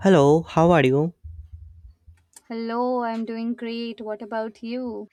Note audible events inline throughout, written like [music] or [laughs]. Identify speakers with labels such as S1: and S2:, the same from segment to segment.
S1: Hello, how are you?
S2: Hello, I'm doing great. What about you?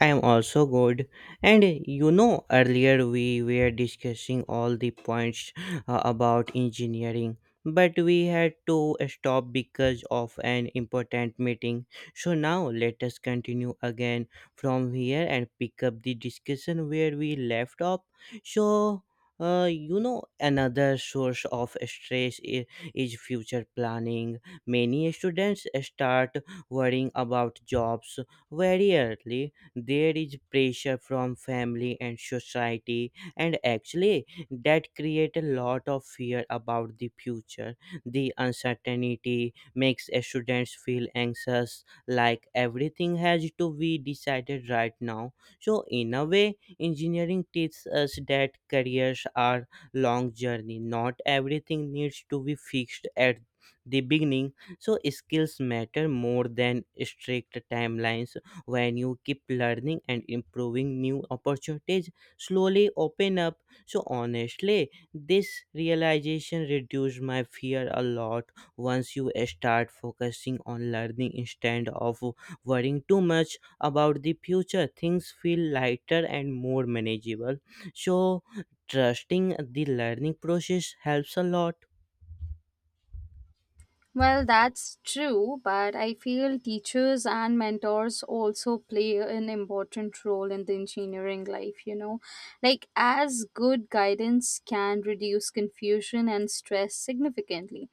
S1: I am also good. And you know, earlier we were discussing all the points about engineering, but we had to stop because of an important meeting. So now let us continue again from here and pick up the discussion where we left off. So, you know, another source of stress is future planning. Many students start worrying about jobs very early. There is pressure from family and society, and actually that create a lot of fear about the future. The uncertainty makes students feel anxious, like everything has to be decided right now. So in a way, engineering teaches us that careers are long journey, not everything needs to be fixed at the beginning. So skills matter more than strict timelines. When you keep learning and improving, new opportunities slowly open up. So honestly, this realization reduced my fear a lot. Once you start focusing on learning instead of worrying too much about the future, things feel lighter and more manageable. So trusting the learning process helps a lot.
S2: Well, that's true, but I feel teachers and mentors also play an important role in the engineering life, you know. Like, as good guidance can reduce confusion and stress significantly.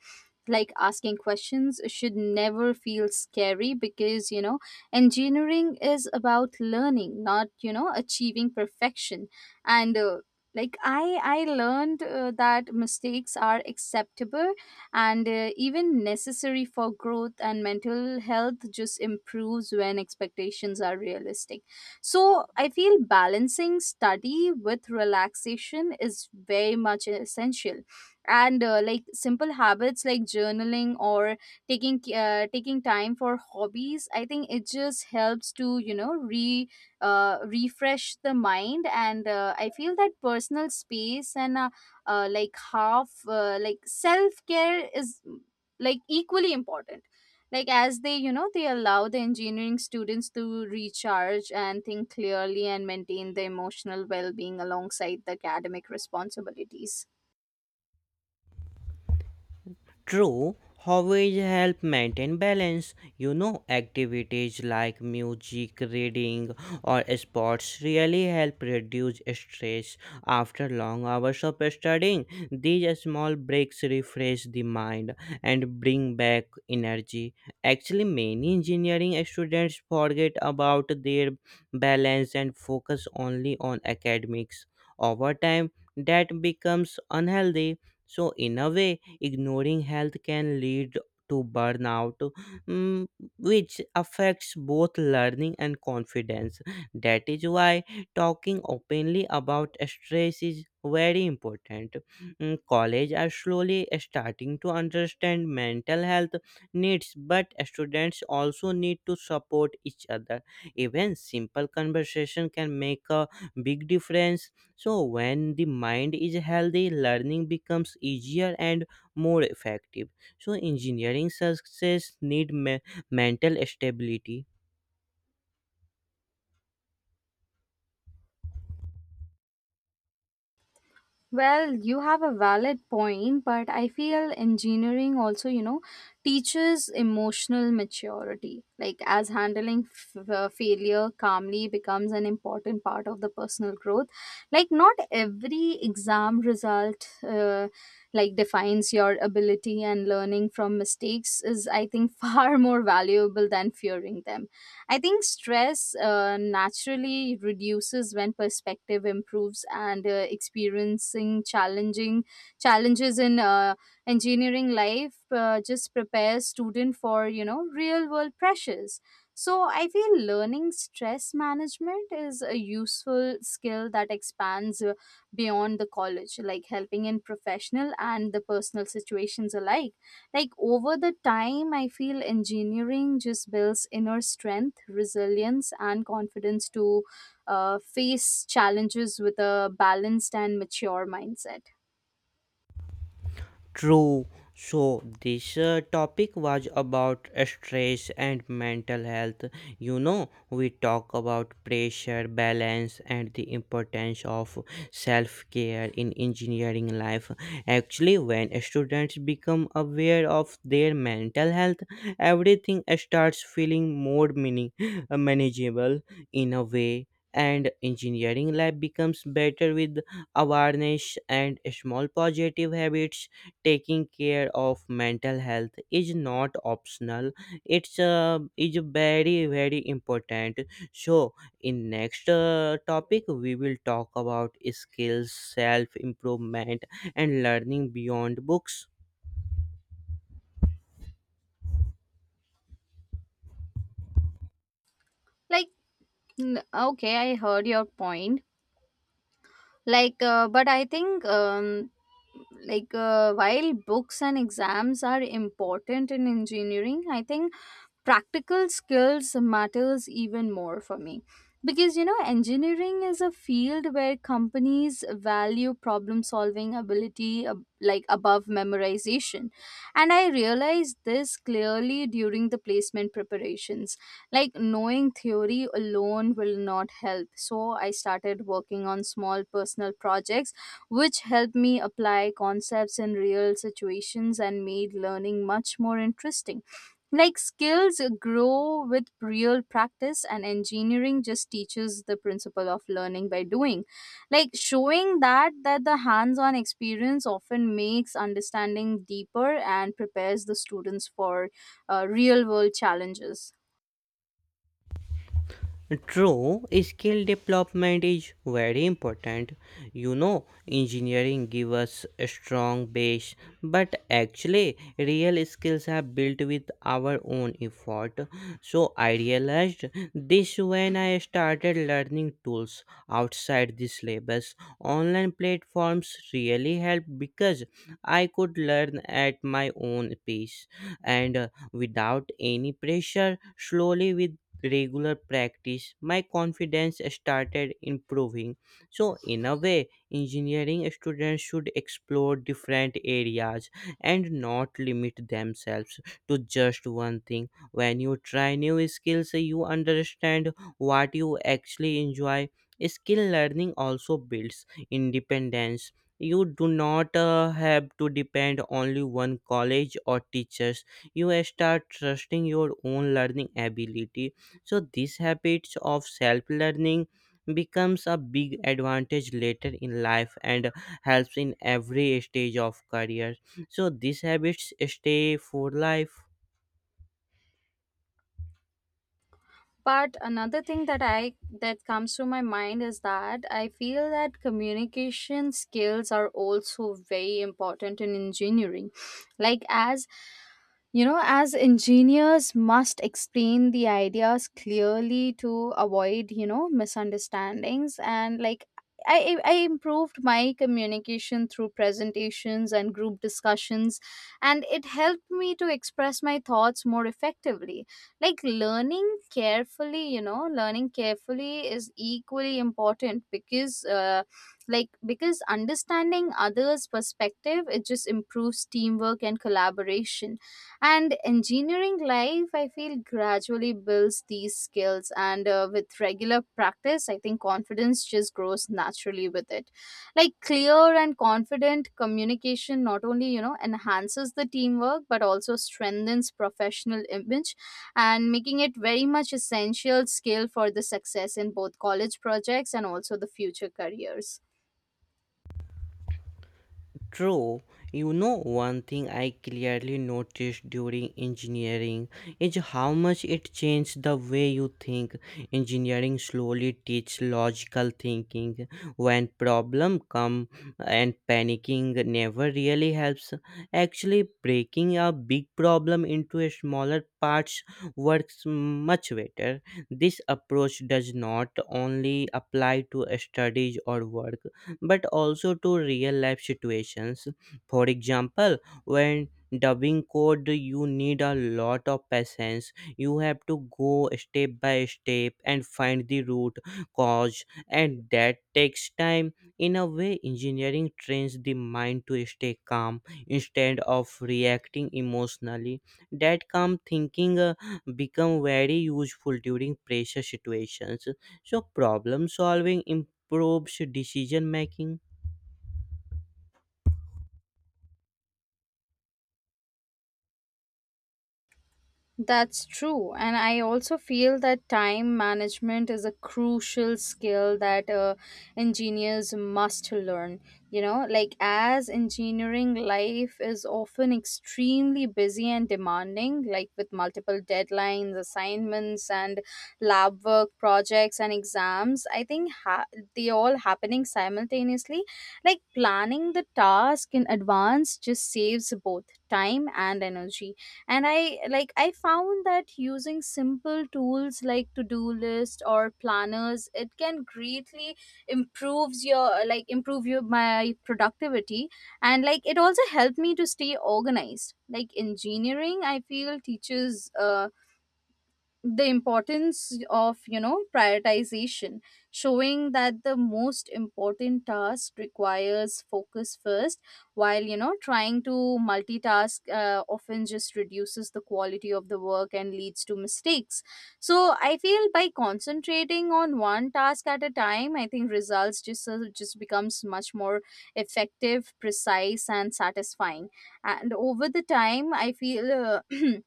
S2: Like, asking questions should never feel scary because, engineering is about learning, not, achieving perfection. And, uh, like I learned that mistakes are acceptable and even necessary for growth, and mental health just improves when expectations are realistic. So I feel balancing study with relaxation is very much essential. And like simple habits like journaling or taking time for hobbies, I think it just helps to you know re refresh the mind. And I feel that personal space and like half like self-care is like equally important, like as they, you know, they allow the engineering students to recharge and think clearly and maintain the emotional well-being alongside the academic responsibilities.
S1: True, hobbies help maintain balance. You know, activities like music, reading, or sports really help reduce stress after long hours of studying. These small breaks refresh the mind and bring back energy. Actually, many engineering students forget about their balance and focus only on academics. Over time, that becomes unhealthy. So, in a way, ignoring health can lead to burnout, mm, which affects both learning and confidence. That is why talking openly about stress is very important. Mm, college are slowly starting to understand mental health needs, but students also need to support each other. Even simple conversation can make a big difference. So when the mind is healthy, learning becomes easier and more effective. So, engineering success need me- mental stability.
S2: Well, you have a valid point, but I feel engineering also, you know, teaches emotional maturity. Like, as handling failure calmly becomes an important part of the personal growth. Like, not every exam result, like, defines your ability, and learning from mistakes is, I think, [laughs] far more valuable than fearing them. I think stress naturally reduces when perspective improves, and experiencing challenging challenges in engineering life just prepares student for, you know, real world pressures. So I feel learning stress management is a useful skill that expands beyond the college, like helping in professional and the personal situations alike. Like over the time, I feel engineering just builds inner strength, resilience, and confidence to face challenges with a balanced and mature mindset.
S1: True. So, this topic was about stress and mental health. You know, we talk about pressure, balance, and the importance of self care in engineering life. Actually, when students become aware of their mental health, everything starts feeling more meaning, manageable in a way. And engineering lab becomes better with awareness and small positive habits. Taking care of mental health is not optional, it's is very very important. So in next topic, we will talk about skills, self improvement, and learning beyond books.
S2: Like, okay, I heard your point. Like, but I think like while books and exams are important in engineering, I think practical skills matters even more for me, because you know engineering is a field where companies value problem solving ability like above memorization. And I realized this clearly during the placement preparations. Like knowing theory alone will not help, so I started working on small personal projects, which helped me apply concepts in real situations and made learning much more interesting. Like skills grow with real practice, and engineering just teaches the principle of learning by doing. Like showing that the hands-on experience often makes understanding deeper and prepares the students for real-world challenges.
S1: True, skill development is very important. You know, engineering gives us a strong base, but actually, real skills are built with our own effort. So, I realized this when I started learning tools outside the syllabus. Online platforms really help because I could learn at my own pace and without any pressure. Slowly, with regular practice, my confidence started improving. So, in a way, engineering students should explore different areas and not limit themselves to just one thing. When you try new skills, you understand what you actually enjoy. Skill learning also builds independence. You do not have to depend only one college or teachers. You start trusting your own learning ability, so these habits of self learning becomes a big advantage later in life and helps in every stage of career. So these habits stay for life.
S2: But another thing that comes to my mind is that I feel that communication skills are also very important in engineering, like as you know, as engineers must explain the ideas clearly to avoid, you know, misunderstandings. And like I improved my communication through presentations and group discussions, and it helped me to express my thoughts more effectively. Like learning carefully is equally important, because like because understanding others perspective, it just improves teamwork and collaboration. And engineering life, I feel, gradually builds these skills. And with regular practice, I think confidence just grows naturally with it. Like clear and confident communication not only, you know, enhances the teamwork but also strengthens professional image, and making it very much essential skill for the success in both college projects and also the future careers.
S1: True, you know, one thing I clearly noticed during engineering is how much it changed the way you think. Engineering slowly teaches logical thinking when problem come, and panicking never really helps. Actually, breaking a big problem into a smaller parts works much better. This approach does not only apply to studies or work but also to real life situations. For example, when dubbing code, you need a lot of patience. You have to go step by step and find the root cause, and that takes time. In a way, engineering trains the mind to stay calm instead of reacting emotionally. That calm thinking become very useful during pressure situations. So problem solving improves decision making.
S2: That's true. And I also feel that time management is a crucial skill that engineers must learn. You know, like as engineering life is often extremely busy and demanding, like with multiple deadlines, assignments, and lab work projects and exams, I think they all happening simultaneously. Like planning the task in advance just saves both time and energy. And I found that using simple tools like to-do list or planners, it can greatly improve your my productivity, and like it also helped me to stay organized. Like engineering, I feel, teaches the importance of, you know, prioritization, showing that the most important task requires focus first, while, you know, trying to multitask often just reduces the quality of the work and leads to mistakes. So I feel by concentrating on one task at a time, I think results just becomes much more effective, precise, and satisfying. And over the time, I feel [clears throat]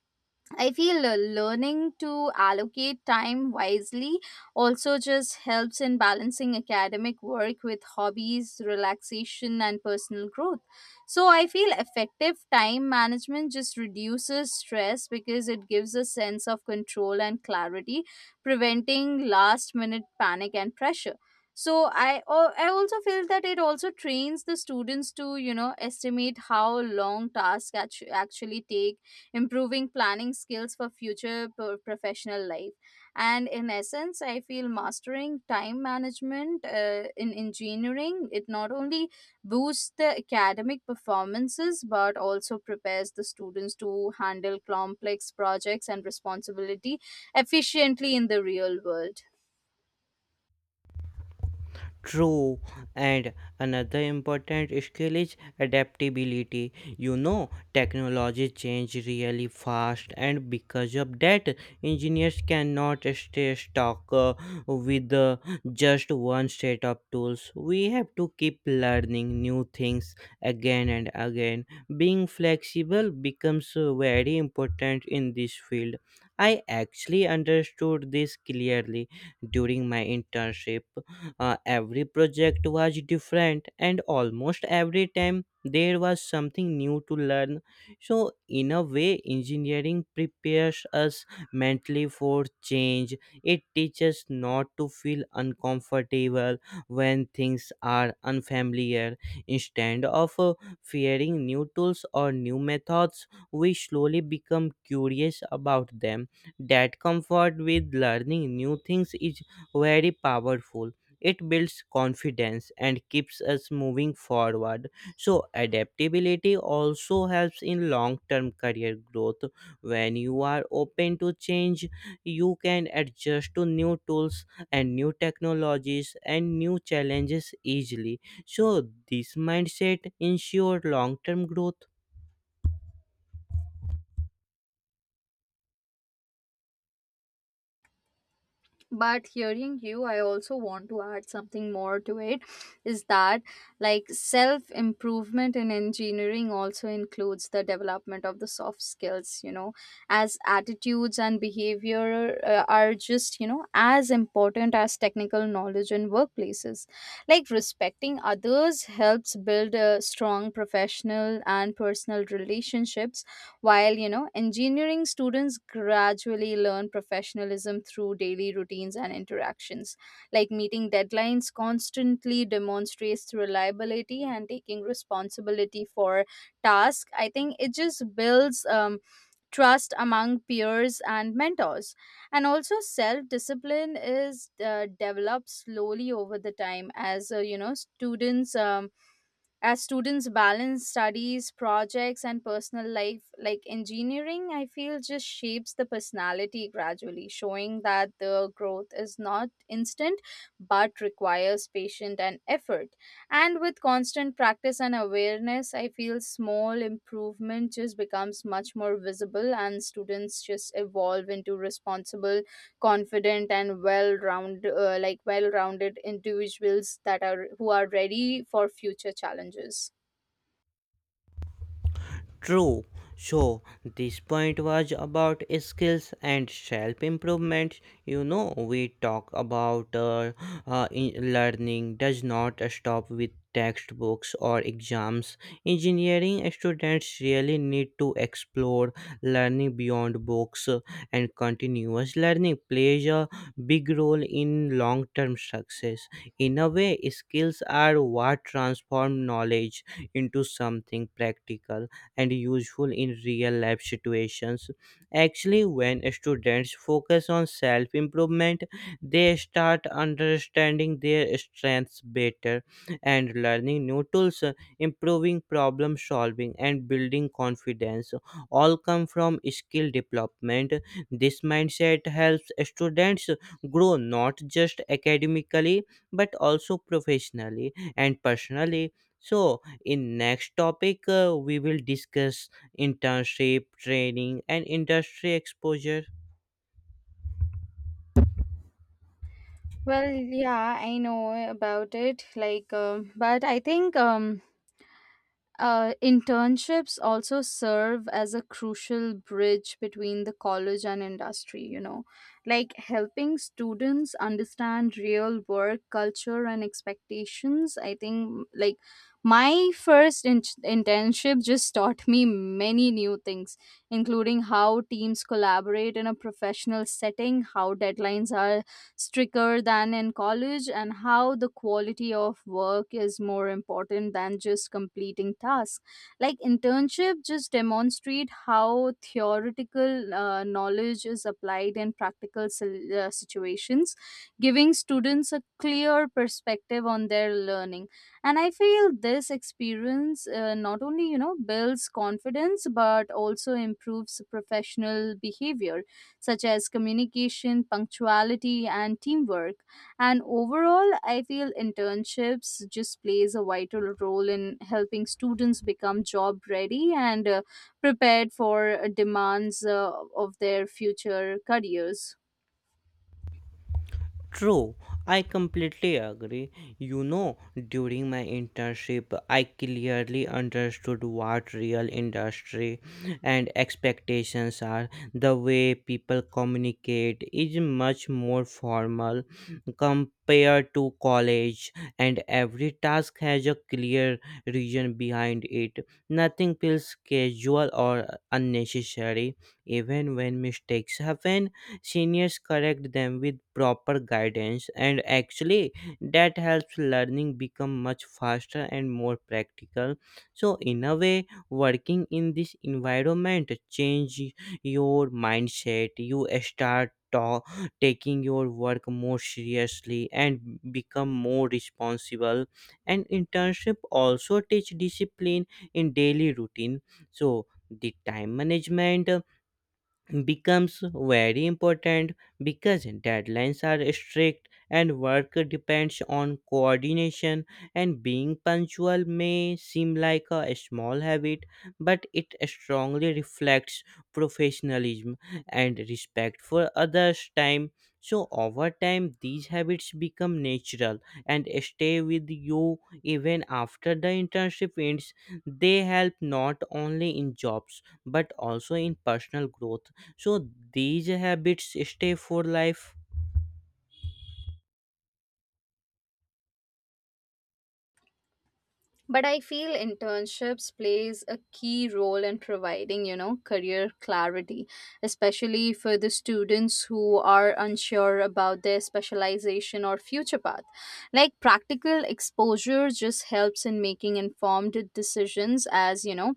S2: I feel learning to allocate time wisely also just helps in balancing academic work with hobbies, relaxation, and personal growth. So, I feel effective time management just reduces stress because it gives a sense of control and clarity, preventing last minute panic and pressure. So I also feel that it also trains the students to, you know, estimate how long tasks actually take, improving planning skills for future professional life. And in essence, I feel mastering time management in engineering, it not only boosts the academic performances but also prepares the students to handle complex projects and responsibility efficiently in the real world.
S1: True, and another important skill is adaptability. You know, technology change really fast, and because of that, engineers cannot stay stuck with just one set of tools. We have to keep learning new things again and again. Being flexible becomes very important in this field. I actually understood this clearly during my internship. Every project was different, and almost every time there was something new to learn. So, in a way, engineering prepares us mentally for change. It teaches not to feel uncomfortable when things are unfamiliar. Instead of fearing new tools or new methods, we slowly become curious about them. That comfort with learning new things is very powerful. It builds confidence and keeps us moving forward. So, adaptability also helps in long term career growth. When you are open to change, you can adjust to new tools and new technologies and new challenges easily. So, this mindset ensures long term growth.
S2: But hearing you, I also want to add something more to it, is that like self improvement in engineering also includes the development of the soft skills, you know, as attitudes and behavior are just, you know, as important as technical knowledge in workplaces. Like respecting others helps build a strong professional and personal relationships, while, you know, engineering students gradually learn professionalism through daily routines and interactions. Like meeting deadlines constantly demonstrates reliability, and taking responsibility for tasks, I think, it just builds trust among peers and mentors. And also, self discipline is developed slowly over the time as, you know, students. As students balance studies projects and personal life. Like engineering, I feel, just shapes the personality gradually, showing that the growth is not instant but requires patient and effort. And with constant practice and awareness, I feel small improvement just becomes much more visible, and students just evolve into responsible, confident, and well round like well rounded individuals that are who are ready for future challenges.
S1: True. So this point was about skills and self improvement. You know, we talk about learning does not stop with textbooks or exams. Engineering students really need to explore learning beyond books, and continuous learning plays a big role in long term success. In a way, skills are what transform knowledge into something practical and useful in real life situations. Actually, when students focus on self improvement, they start understanding their strengths better, and learning new tools, improving problem solving, and building confidence all come from skill development. This mindset helps students grow not just academically but also professionally and personally. So, in next topic we will discuss internship training and industry exposure.
S2: Well, yeah, I know about it. Like, but I think internships also serve as a crucial bridge between the college and industry, you know, like helping students understand real work culture and expectations. I think, like, my internship just taught me many new things, including how teams collaborate in a professional setting, how deadlines are stricter than in college, and how the quality of work is more important than just completing tasks. Like internship just demonstrate how theoretical knowledge is applied in practical situations, giving students a clear perspective on their learning. And I feel this experience not only, you know, builds confidence but also improves professional behavior such as communication, punctuality, and teamwork. And overall, I feel internships just plays a vital role in helping students become job ready and prepared for demands of their future careers.
S1: True, I completely agree. You know, during my internship, I clearly understood what real industry and expectations are. The way people communicate is much more formal compared to college, and every task has a clear reason behind it. Nothing feels casual or unnecessary. Even when mistakes happen, seniors correct them with proper guidance, and actually that helps learning become much faster and more practical. So in a way, working in this environment change your mindset. You start taking your work more seriously and become more responsible. And internship also teach discipline in daily routine. So the time management becomes very important because deadlines are strict and work depends on coordination. And being punctual may seem like a small habit, but it strongly reflects professionalism and respect for others time. So over time, these habits become natural and stay with you even after the internship ends. They help not only in jobs but also in personal growth. So these habits stay for life.
S2: But I feel internships plays a key role in providing, you know, career clarity, especially for the students who are unsure about their specialization or future path. Like practical exposure just helps in making informed decisions, as you know,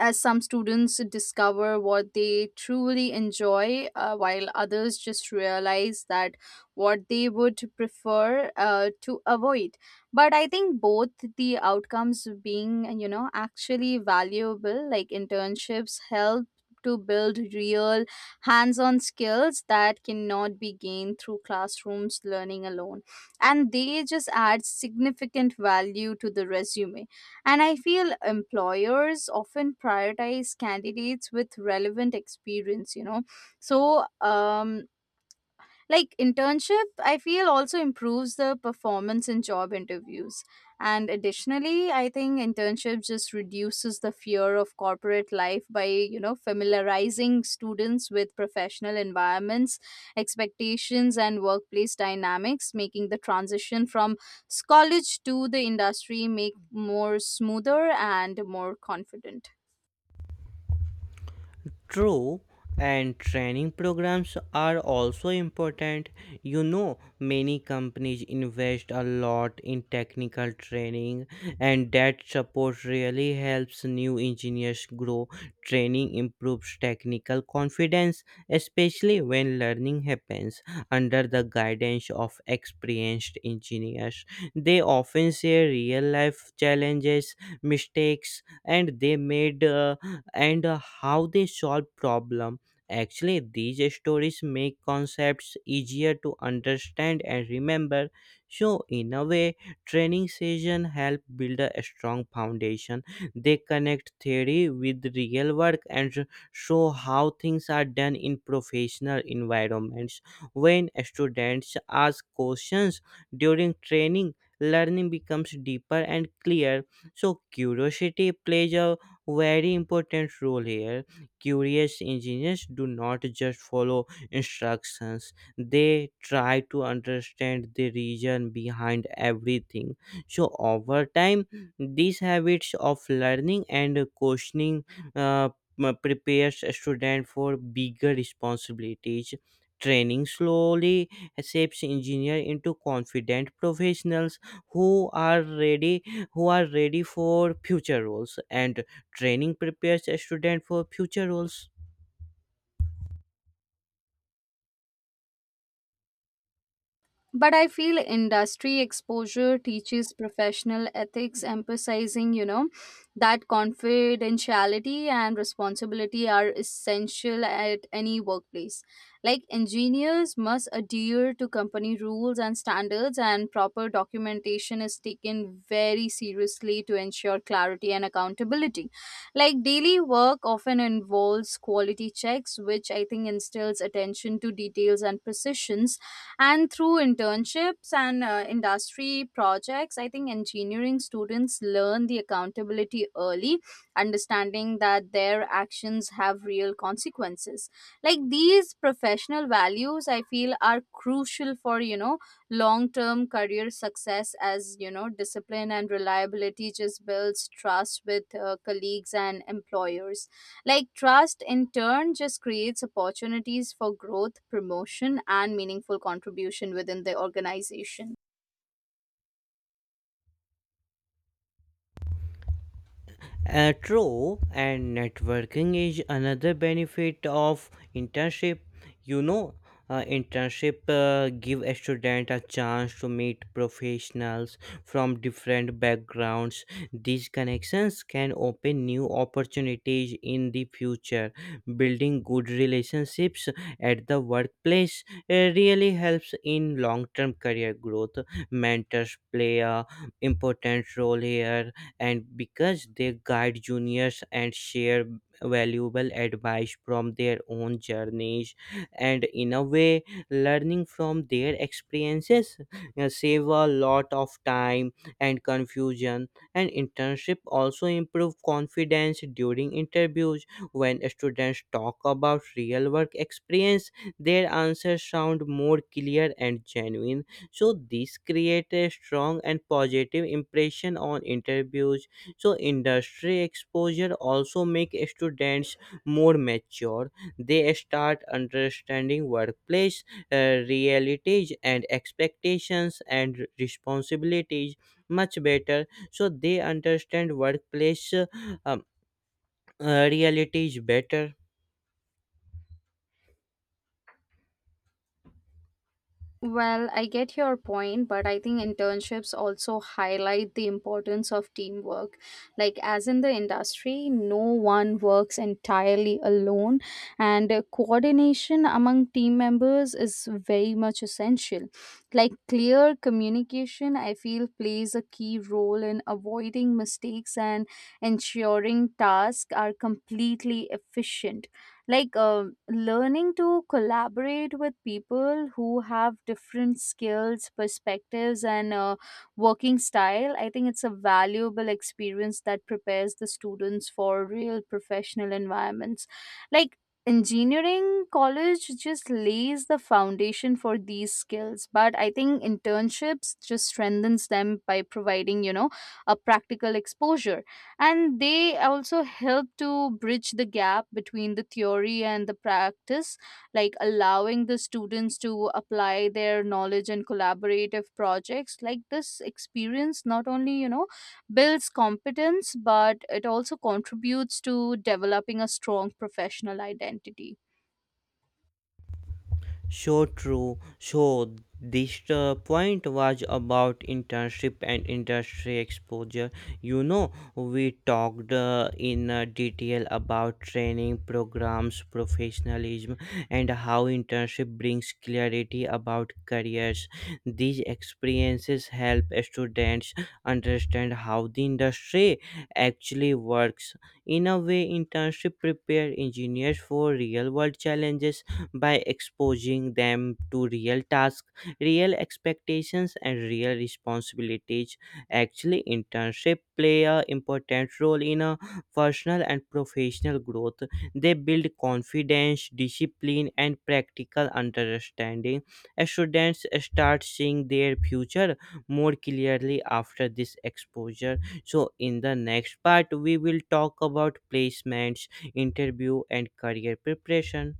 S2: as some students discover what they truly enjoy, while others just realize that what they would prefer to avoid. But I think both the outcomes being, you know, actually valuable. Like internships help to build real hands on skills that cannot be gained through classrooms learning alone. And they just add significant value to the resume, and I feel employers often prioritize candidates with relevant experience, you know. So, like internship, I feel, also improves the performance in job interviews. And additionally, I think internship just reduces the fear of corporate life by, you know, familiarizing students with professional environments, expectations, and workplace dynamics, making the transition from college to the industry make more smoother and more confident.
S1: True, and training programs are also important. You know, many companies invest a lot in technical training, and that support really helps new engineers grow. Training improves technical confidence, especially when learning happens under the guidance of experienced engineers. They often share real life challenges, mistakes, and they made and how they solve problem. Actually, these stories make concepts easier to understand and remember. So in a way, training session help build a strong foundation. They connect theory with real work and show how things are done in professional environments. When students ask questions during training, learning becomes deeper and clear. So curiosity plays a very important role here. Curious engineers do not just follow instructions, they try to understand the reason behind everything. So over time, these habits of learning and questioning uh, prepares a student for bigger responsibilities. Training slowly shapes engineer into confident professionals who are ready, who are ready for future roles. And training prepares a student for future roles.
S2: But I feel industry exposure teaches professional ethics, emphasizing, you know, that confidentiality and responsibility are essential at any workplace. Like engineers must adhere to company rules and standards, and proper documentation is taken very seriously to ensure clarity and accountability. Like daily work often involves quality checks, which I think instills attention to details and precision. And through internships and industry projects, I think engineering students learn the accountability early, understanding that their actions have real consequences. Like these professional values, I feel, are crucial for, you know, long term career success, as you know, discipline and reliability just builds trust with colleagues and employers. Like trust in turn just creates opportunities for growth, promotion, and meaningful contribution within the organization.
S1: True, and networking is another benefit of internship. You know, internship give a student a chance to meet professionals from different backgrounds. These connections can open new opportunities in the future. Building good relationships at the workplace really helps in long-term career growth. Mentors play a important role here, and because they guide juniors and share valuable advice from their own journeys. And in a way, learning from their experiences save a lot of time and confusion. And internship also improve confidence during interviews. When students talk about real work experience, their answers sound more clear and genuine. So this create a strong and positive impression on interviews. So industry exposure also make students more mature. They start understanding workplace realities and expectations and responsibilities much better. So they understand workplace um, realities better.
S2: Well, I get your point, but I think internships also highlight the importance of teamwork. Like, as in the industry, no one works entirely alone, and coordination among team members is very much essential. Like, clear communication, I feel, plays a key role in avoiding mistakes and ensuring tasks are completely efficient. Like learning to collaborate with people who have different skills, perspectives, and working style, I think, it's a valuable experience that prepares the students for real professional environments. Like engineering college just lays the foundation for these skills, but I think internships just strengthens them by providing, you know, a practical exposure. And they also help to bridge the gap between the theory and the practice, like allowing the students to apply their knowledge in collaborative projects. Like this experience not only, you know, builds competence, but it also contributes to developing a strong professional identity.
S1: So true. So this point was about internship and industry exposure. You know, we talked in detail about training programs, professionalism, and how internship brings clarity about careers. These experiences help students understand how the industry actually works. In a way, internship prepare engineers for real-world challenges by exposing them to real tasks, real expectations, and real responsibilities. Actually, internship play a important role in a personal and professional growth. They build confidence, discipline, and practical understanding. Students start seeing their future more clearly after this exposure. So, in the next part, we will talk about placements, interview, and career preparation.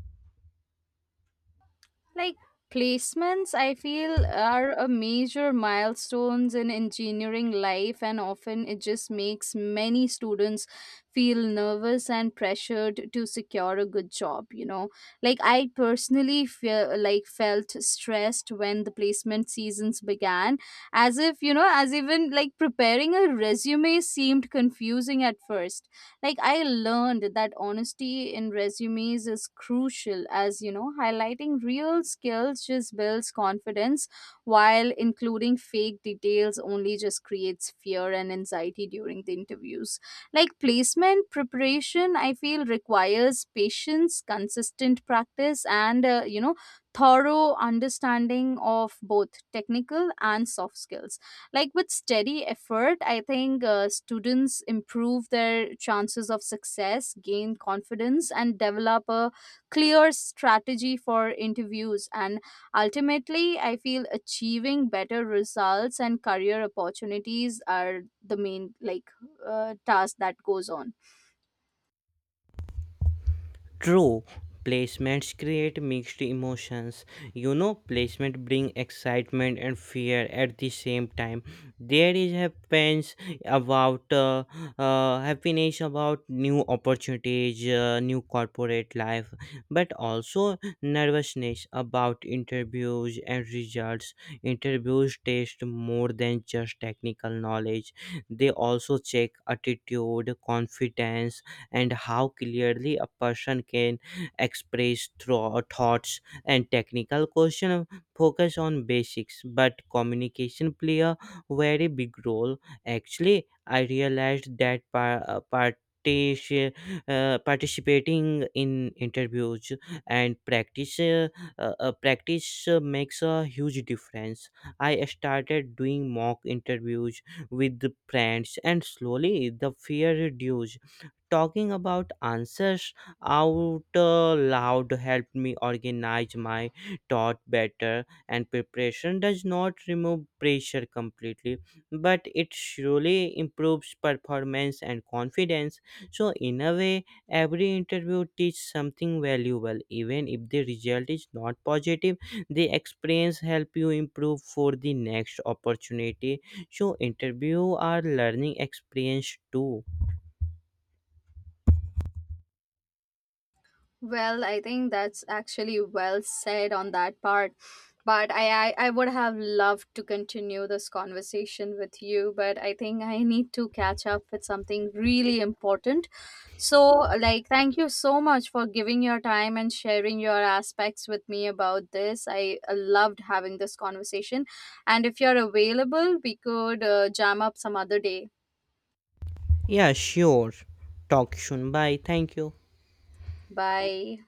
S2: Like placements, I feel, are a major milestones in engineering life, and often it just makes many students feel nervous and pressured to secure a good job, you know. Like I personally feel like felt stressed when the placement seasons began, as if you know as even like preparing a resume seemed confusing at first. Like I learned that honesty in resumes is crucial, as you know, highlighting real skills just builds confidence, while including fake details only just creates fear and anxiety during the interviews. Like placement preparation, I feel, requires patience, consistent practice, and you know, thorough understanding of both technical and soft skills. Like with steady effort, I think, students improve their chances of success, gain confidence, and develop a clear strategy for interviews. And ultimately, I feel achieving better results and career opportunities are the main, like, task that goes on.
S1: True, placements create mixed emotions. You know, placement bring excitement and fear at the same time. There is happens about happiness about new opportunities, new corporate life, but also nervousness about interviews and results. Interviews test more than just technical knowledge. They also check attitude, confidence, and how clearly a person can express thoughts. And technical question focus on basics, but communication play a very big role. Actually, I realized that participating in interviews and practice makes a huge difference. I started doing mock interviews with the friends, and slowly the fear reduced. Talking about answers out loud helped me organize my thought better. And preparation does not remove pressure completely, but it surely improves performance and confidence. So in a way, every interview teaches something valuable even if the result is not positive. The experience help you improve for the next opportunity. So interview are learning experience too.
S2: Well, I think that's actually well said on that part. But I would have loved to continue this conversation with you, but I think I need to catch up with something really important. So, like, thank you so much for giving your time and sharing your aspects with me about this. I loved having this conversation. And if you're available, we could jam up some other day.
S1: Yeah, sure. Talk soon. Bye. Thank you.
S2: Bye.